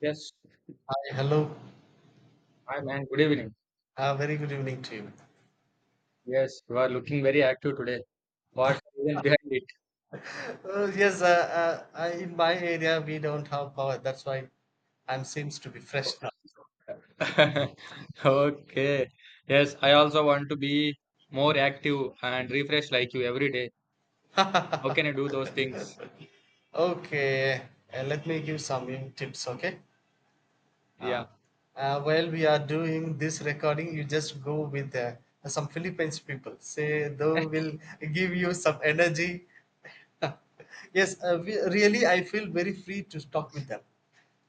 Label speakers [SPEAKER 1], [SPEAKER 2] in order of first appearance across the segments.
[SPEAKER 1] Yes.
[SPEAKER 2] Hello.
[SPEAKER 1] Hi, man. Good evening.
[SPEAKER 2] Very good evening to you.
[SPEAKER 1] Yes, you are looking very active today. What's the reason behind
[SPEAKER 2] Yes, in my area we don't have power. That's why I'm seems to be fresh
[SPEAKER 1] it? Okay. Yes, I also want to be more active and refresh like you every day. How
[SPEAKER 2] now.
[SPEAKER 1] can I do those things?
[SPEAKER 2] okay, let me give some tips. Okay. Uh,
[SPEAKER 1] Yeah.
[SPEAKER 2] while we are doing this recording, you just go with some Philippines people. Say they will give you some energy. yes, we, really, I feel very free to talk with them.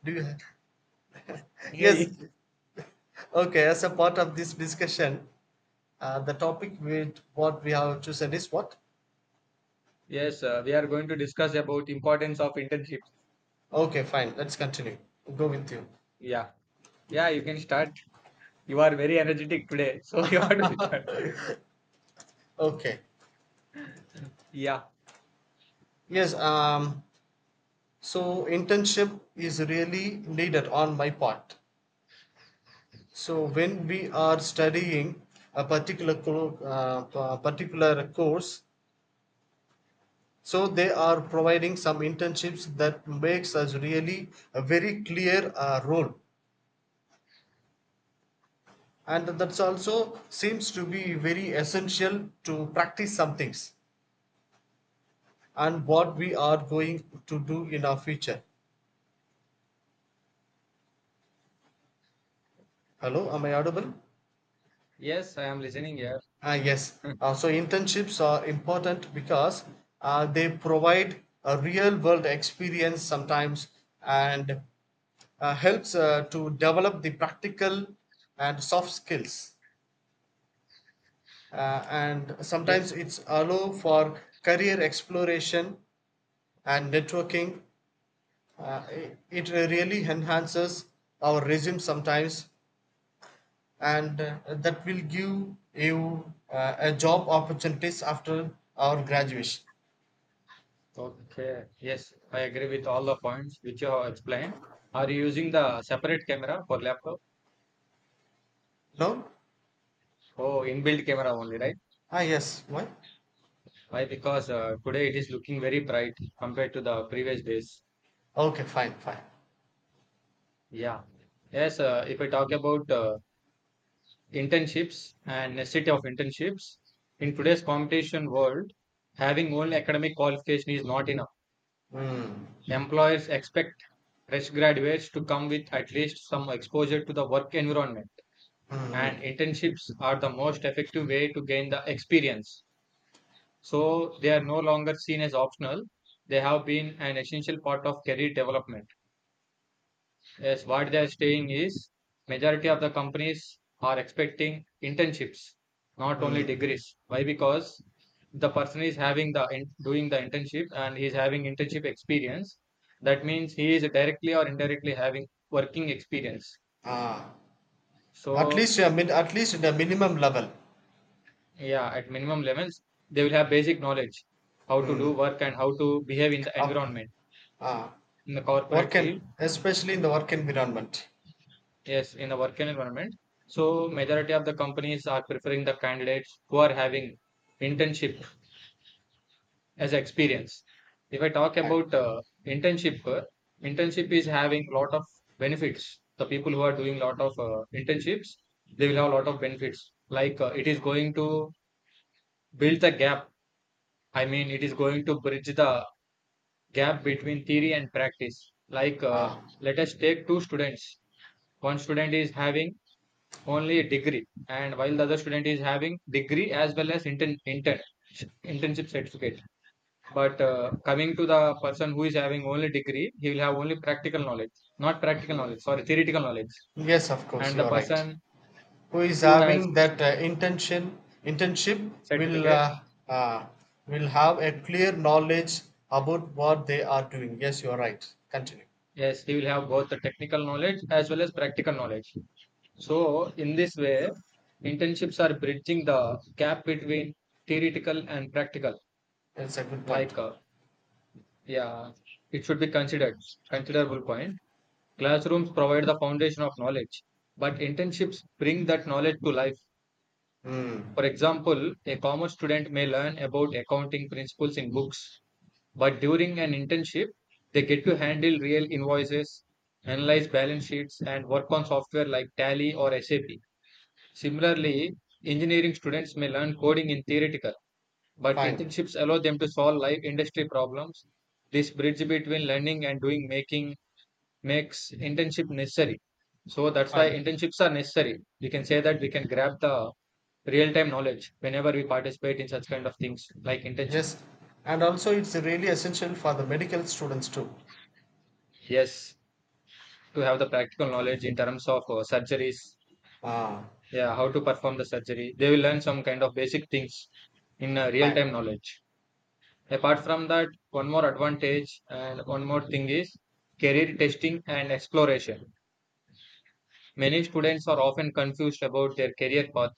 [SPEAKER 2] Do you? Yes.
[SPEAKER 1] Hey.
[SPEAKER 2] Okay, as a part of this discussion, the topic with what we have chosen is what?
[SPEAKER 1] Yes, we are going to discuss about importance of internships.
[SPEAKER 2] Okay, fine. Let's continue. Go with you.
[SPEAKER 1] Yeah. Yeah, you can start. You are very energetic today, so you are to start.
[SPEAKER 2] Okay.
[SPEAKER 1] Yeah.
[SPEAKER 2] Yes. So internship is really needed on my part. So when we are studying a particular particular course, so they are providing some internships that makes us really a very clear role, and that's also seems to be very essential to practice some things and what we are going to do in our future. Hello, am I audible?
[SPEAKER 1] Yes, I am listening here.
[SPEAKER 2] ah yes uh, so internships are important because they provide a real world experience sometimes, and helps to develop the practical and soft skills, and sometimes
[SPEAKER 1] Yes.
[SPEAKER 2] it's allow for career exploration and networking. It really enhances our resume sometimes, and that will give you a job opportunities after our graduation.
[SPEAKER 1] Okay. Yes, I agree with all the points which you have explained. Are you using the separate camera for laptop?
[SPEAKER 2] No.
[SPEAKER 1] Oh, inbuilt camera only, right?
[SPEAKER 2] Yes, why?
[SPEAKER 1] Why? Because today it is looking very bright compared to the previous days.
[SPEAKER 2] Okay, fine, fine.
[SPEAKER 1] Yeah. Yes, if I talk about internships and necessity of internships, in today's competition world, having only academic qualification is not enough.
[SPEAKER 2] mm,
[SPEAKER 1] Employers expect fresh graduates to come with at least some exposure to the work environment, and
[SPEAKER 2] mm,
[SPEAKER 1] internships are the most effective way to gain the experience. So they are no longer seen as optional. They have been an essential part of career development. Yes, what they are saying is majority of the companies are expecting internships, not only
[SPEAKER 2] mm.
[SPEAKER 1] degrees. Why? Because the person is having doing the internship and he is having internship experience. That means he is directly or indirectly having working experience.
[SPEAKER 2] Ah, at
[SPEAKER 1] So
[SPEAKER 2] least a at least the minimum level.
[SPEAKER 1] yeah, at minimum levels they will have basic knowledge how to do
[SPEAKER 2] Mm.
[SPEAKER 1] work and how to behave in the
[SPEAKER 2] Up,
[SPEAKER 1] environment,
[SPEAKER 2] ah,
[SPEAKER 1] in the corporate
[SPEAKER 2] Work and
[SPEAKER 1] field.
[SPEAKER 2] especially in the work environment.
[SPEAKER 1] Yes, in the work environment, so majority of the companies are preferring the candidates who are having internship as experience. If I talk
[SPEAKER 2] Fine.
[SPEAKER 1] about internship uh, internship is having lot of benefits. The people who are doing lot of internships, they will have a lot of benefits, like it is going to build the gap I mean it is going to bridge the gap between theory and practice. Like,
[SPEAKER 2] ah.
[SPEAKER 1] let us take two students. One student is having only a degree, and while the other student is having degree as well as internship certificate. But coming to the person who is having only degree, he will have only practical knowledge, not practical
[SPEAKER 2] Mm.
[SPEAKER 1] knowledge, sorry, theoretical knowledge.
[SPEAKER 2] Yes, of course,
[SPEAKER 1] And the
[SPEAKER 2] you're right.
[SPEAKER 1] person
[SPEAKER 2] Who is
[SPEAKER 1] who has
[SPEAKER 2] having that intention internship will,
[SPEAKER 1] certificate,
[SPEAKER 2] uh, will have a clear knowledge about what they are doing. Yes, you are right, continue.
[SPEAKER 1] yes, he will have both the technical knowledge as well as practical knowledge. So, in this way, internships are bridging the gap between theoretical and practical.
[SPEAKER 2] That's a good point.
[SPEAKER 1] Like, yeah, it should be considerable point. Classrooms provide the foundation of knowledge, but internships bring that knowledge to life.
[SPEAKER 2] Hmm.
[SPEAKER 1] For example, a commerce student may learn about accounting principles in books, but during an internship, they get to handle real invoices, analyze balance sheets, and work on software like Tally or SAP. Similarly, engineering students may learn coding in theoretical, but
[SPEAKER 2] Fine,
[SPEAKER 1] internships allow them to solve live industry problems. This bridge between learning and doing making makes internship necessary. So that's why
[SPEAKER 2] fine.
[SPEAKER 1] internships are necessary. We can say that we can grab the real-time knowledge whenever we participate in such kind of things like internships.
[SPEAKER 2] Yes, and also it's really essential for the medical students too.
[SPEAKER 1] Yes, to have the practical knowledge in terms of surgeries,
[SPEAKER 2] Ah.
[SPEAKER 1] yeah, how to perform the surgery. They will learn some kind of basic things in
[SPEAKER 2] Fine,
[SPEAKER 1] real-time knowledge. Apart from that, one more advantage and one more thing is career testing and exploration. Many students are often confused about their career path,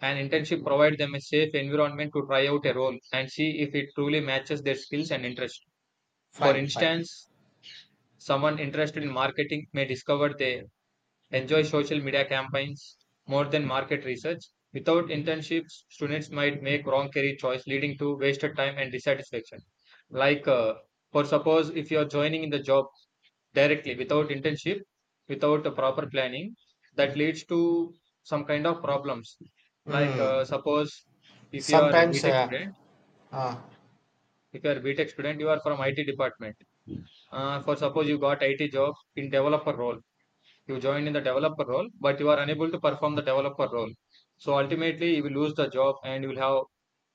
[SPEAKER 1] and internship provides them a safe environment to try out a role and see if it truly matches their skills and interests. For
[SPEAKER 2] fine, fine.
[SPEAKER 1] instance, someone interested in marketing may discover they enjoy social media campaigns more than market research. Without internships, students might make wrong career choice, leading to wasted time and dissatisfaction. Like, for suppose if you are joining in the job directly without internship, without a proper planning, that leads to some kind of problems. Like,
[SPEAKER 2] Hmm.
[SPEAKER 1] suppose if you are a
[SPEAKER 2] sometimes
[SPEAKER 1] BTech student,
[SPEAKER 2] uh,
[SPEAKER 1] if you are a BTech student, you are from IT department. For suppose you got IT job in developer role, you joined in the developer role, but you are unable to perform the developer role. So ultimately, you will lose the job and you will have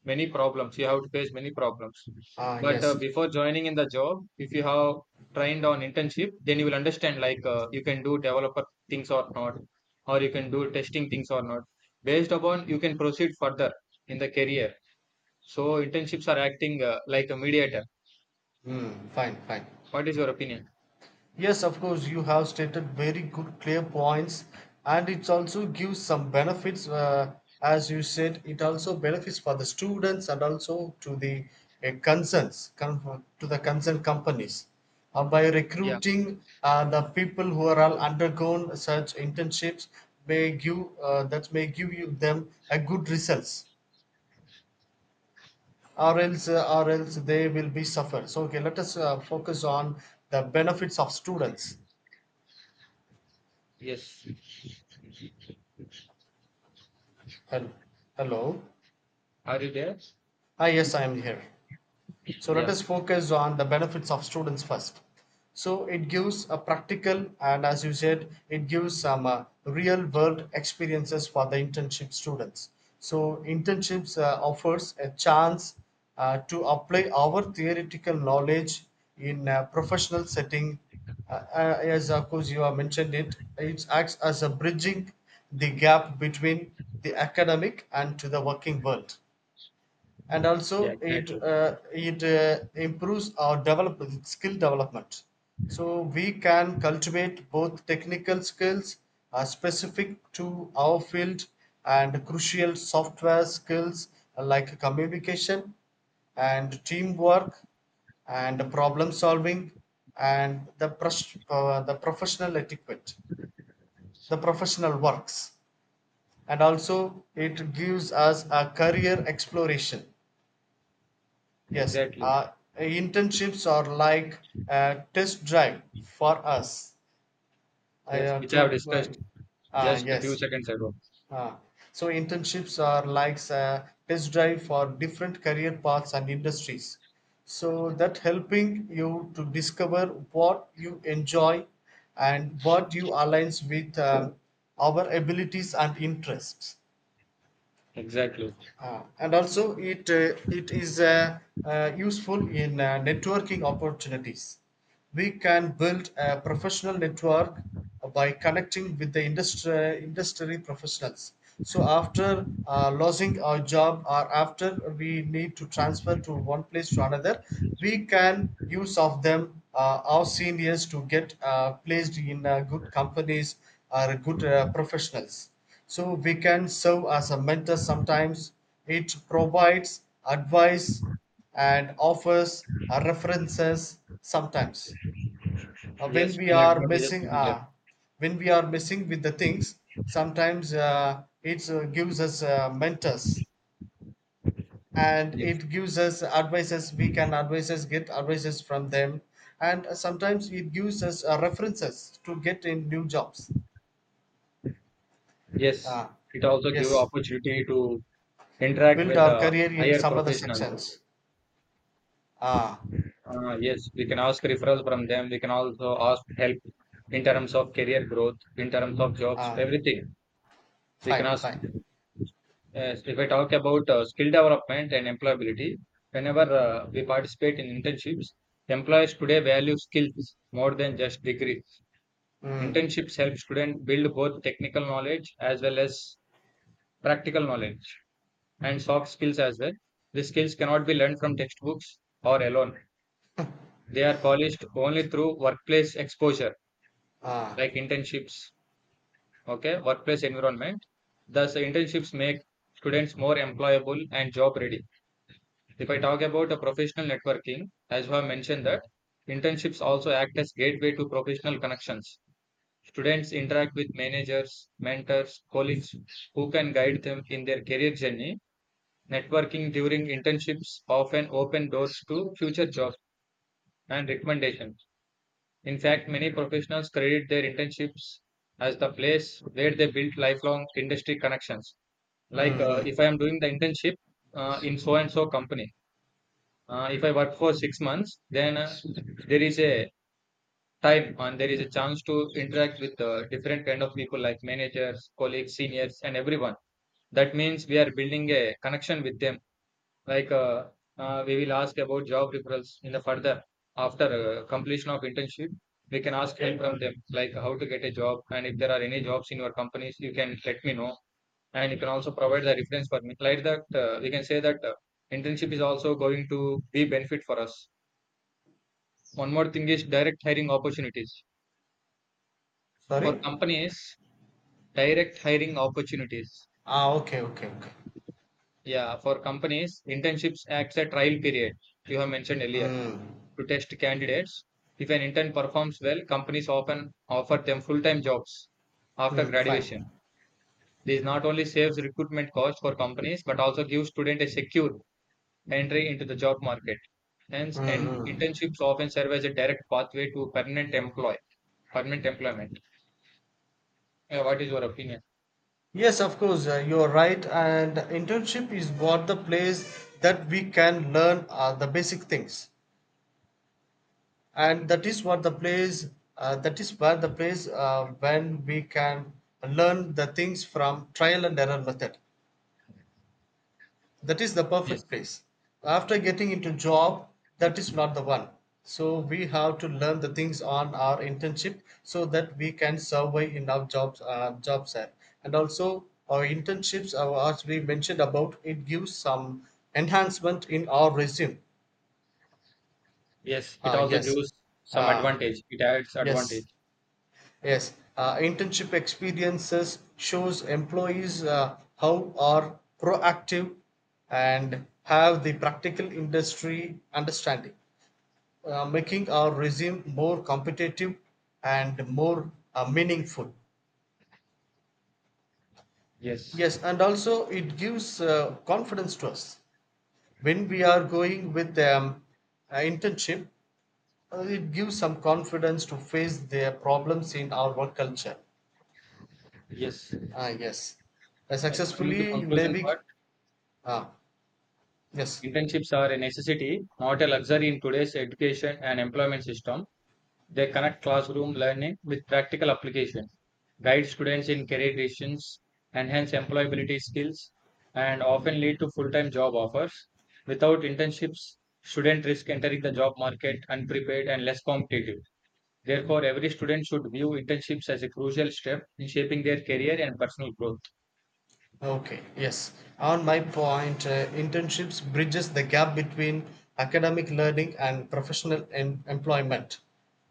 [SPEAKER 1] many problems. You have to face many problems. But
[SPEAKER 2] yes.
[SPEAKER 1] before joining in the job, if you have trained on internship, then you will understand like you can do developer things or not, or you can do testing things or not. Based upon, you can proceed further in the career. So internships are acting like a mediator.
[SPEAKER 2] Hmm. Fine, fine.
[SPEAKER 1] What is your opinion?
[SPEAKER 2] Yes, of course, you have stated very good, clear points, and it also gives some benefits. As you said, it also benefits for the students and also to the concerns, to the concerned companies. By
[SPEAKER 1] Yeah.
[SPEAKER 2] recruiting the people who are all undergone such internships, may give that may give you them a good results, or else they will be suffer. So, okay, let us focus on the benefits of students.
[SPEAKER 1] Yes.
[SPEAKER 2] Hel- Hello.
[SPEAKER 1] Are you there?
[SPEAKER 2] Ah, yes, I am here. So let
[SPEAKER 1] Yeah.
[SPEAKER 2] us focus on the benefits of students first. So it gives a practical, and as you said, it gives some real world experiences for the internship students. So internships offers a chance to apply our theoretical knowledge in a professional setting. As of course you have mentioned it, it acts as a bridging the gap between the academic and to the working world, and
[SPEAKER 1] Yeah.
[SPEAKER 2] also it
[SPEAKER 1] Exactly.
[SPEAKER 2] it improves our develop skill development. So we can cultivate both technical skills specific to our field and crucial software skills like communication and teamwork and problem solving and the the professional etiquette, the professional works. And also it gives us a career exploration. Yes,
[SPEAKER 1] Exactly.
[SPEAKER 2] internships are like a test drive for us. I
[SPEAKER 1] Yes, which I have
[SPEAKER 2] to
[SPEAKER 1] discussed just a few
[SPEAKER 2] Yes.
[SPEAKER 1] seconds ago.
[SPEAKER 2] Uh, so internships are like a test drive for different career paths and industries. So that helping you to discover what you enjoy and what you aligns with, our abilities and interests.
[SPEAKER 1] Exactly.
[SPEAKER 2] And also it is, useful in networking opportunities. We can build a professional network by connecting with the industry professionals. So after losing our job or after we need to transfer to one place to another, we can use of them, our seniors, to get placed in good companies or good professionals. So we can serve as a mentor sometimes. It provides advice and offers references sometimes. Uh,
[SPEAKER 1] Yes,
[SPEAKER 2] when we
[SPEAKER 1] many
[SPEAKER 2] are
[SPEAKER 1] advantages
[SPEAKER 2] messing
[SPEAKER 1] will be there.
[SPEAKER 2] uh, when we are messing with the things, sometimes it gives us mentors, and
[SPEAKER 1] Yes.
[SPEAKER 2] it gives us advices. We can advices get advices from them, and sometimes it gives us references to get in new jobs.
[SPEAKER 1] Yes.
[SPEAKER 2] Uh,
[SPEAKER 1] It also give
[SPEAKER 2] yes
[SPEAKER 1] opportunity to interact
[SPEAKER 2] build
[SPEAKER 1] with
[SPEAKER 2] our
[SPEAKER 1] the
[SPEAKER 2] career in
[SPEAKER 1] higher
[SPEAKER 2] some other
[SPEAKER 1] professionals.
[SPEAKER 2] sections. Ah.
[SPEAKER 1] Yes, we can ask referrals from them. We can also ask help in terms of career growth, in terms of jobs,
[SPEAKER 2] Ah.
[SPEAKER 1] everything. We can
[SPEAKER 2] Fine,
[SPEAKER 1] ask.
[SPEAKER 2] fine.
[SPEAKER 1] Yes, if I talk about skill development and employability, whenever we participate in internships, employers today value skills more than just degree.
[SPEAKER 2] Mm.
[SPEAKER 1] Internships help students build both technical knowledge as well as practical knowledge and soft skills as well. These skills cannot be learned from textbooks or alone. They are polished only through workplace exposure,
[SPEAKER 2] Ah.
[SPEAKER 1] like internships, okay, workplace environment. Thus, internships make students more employable and job ready. If I talk about a professional networking, as I have mentioned, that internships also act as gateway to professional connections. Students interact with managers, mentors, colleagues who can guide them in their career journey. Networking during internships often open doors to future jobs and recommendations. In fact, many professionals credit their internships as the place where they build lifelong industry connections.
[SPEAKER 2] Mm,
[SPEAKER 1] Like, if I
[SPEAKER 2] mm.
[SPEAKER 1] am doing the internship in so and so company, if I work for 6 months, then there is a time and there is a chance to interact with different kind of people, like managers, colleagues, seniors and everyone. That means we are building a connection with them. Like we will ask about job referrals in the further. After completion of internship, we can ask help from them, like how to get a job, and if there are any jobs in your companies you can let me know, and you can also provide the reference for me. Like that, we can say that internship is also going to be benefit for us. One more thing is direct hiring opportunities
[SPEAKER 2] Sorry?
[SPEAKER 1] for companies. Direct hiring opportunities.
[SPEAKER 2] Ah, okay, okay, okay.
[SPEAKER 1] Yeah, for companies, internships acts a trial period, you have mentioned earlier,
[SPEAKER 2] Mm.
[SPEAKER 1] to test candidates. If an intern performs well, companies often offer them full-time jobs after
[SPEAKER 2] Mm, fine.
[SPEAKER 1] graduation. This not only saves recruitment costs for companies but also gives students a secure entry into the job market. Hence,
[SPEAKER 2] Mm,
[SPEAKER 1] and
[SPEAKER 2] mm.
[SPEAKER 1] internships often serve as a direct pathway to permanent employment. Yeah, what is your opinion?
[SPEAKER 2] Yes, of course, you're right. And internship is what the place that we can learn the basic things. And that is what the place, that is where the place when we can learn the things from trial and error method. That is the
[SPEAKER 1] Yes,
[SPEAKER 2] perfect place. After getting into job, that is not the one. So we have to learn the things on our internship so that we can survive in our jobs, job set. And also our internships, as we mentioned about, it gives some enhancement in our resume.
[SPEAKER 1] yes, it
[SPEAKER 2] uh,
[SPEAKER 1] also
[SPEAKER 2] yes
[SPEAKER 1] gives some
[SPEAKER 2] uh,
[SPEAKER 1] advantage. It adds
[SPEAKER 2] yes.
[SPEAKER 1] advantage.
[SPEAKER 2] Yes, internship experiences shows employees how are proactive and have the practical industry understanding, making our resume more competitive and more meaningful.
[SPEAKER 1] Yes,
[SPEAKER 2] Yes, and also it gives confidence to us when we are going with internship. It gives some confidence to face their problems in our work culture.
[SPEAKER 1] yes.
[SPEAKER 2] Ah, yes. I
[SPEAKER 1] Yes, coming to
[SPEAKER 2] successfully
[SPEAKER 1] conclusion part,
[SPEAKER 2] David. Ah, yes.
[SPEAKER 1] internships are a necessity, not a luxury in today's education and employment system. They connect classroom learning with practical application, guide students in career decisions, enhance employability skills, and often lead to full-time job offers. Without internships, students risk entering the job market unprepared and less competitive. Therefore, every student should view internships as a crucial step in shaping their career and personal growth.
[SPEAKER 2] Okay, yes. On my point, internships bridges the gap between academic learning and professional employment.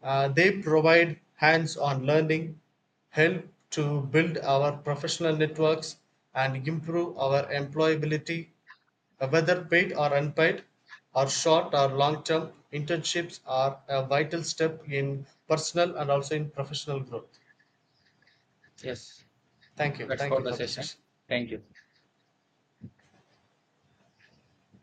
[SPEAKER 2] They provide hands-on learning, help to build our professional networks, and improve our employability, whether paid or unpaid, or short or long-term. Internships are a vital step in personal and also in professional growth.
[SPEAKER 1] Yes.
[SPEAKER 2] Thank you.
[SPEAKER 1] That's
[SPEAKER 2] Thank
[SPEAKER 1] for
[SPEAKER 2] you
[SPEAKER 1] the
[SPEAKER 2] for the
[SPEAKER 1] session.
[SPEAKER 2] session.
[SPEAKER 1] Thank you.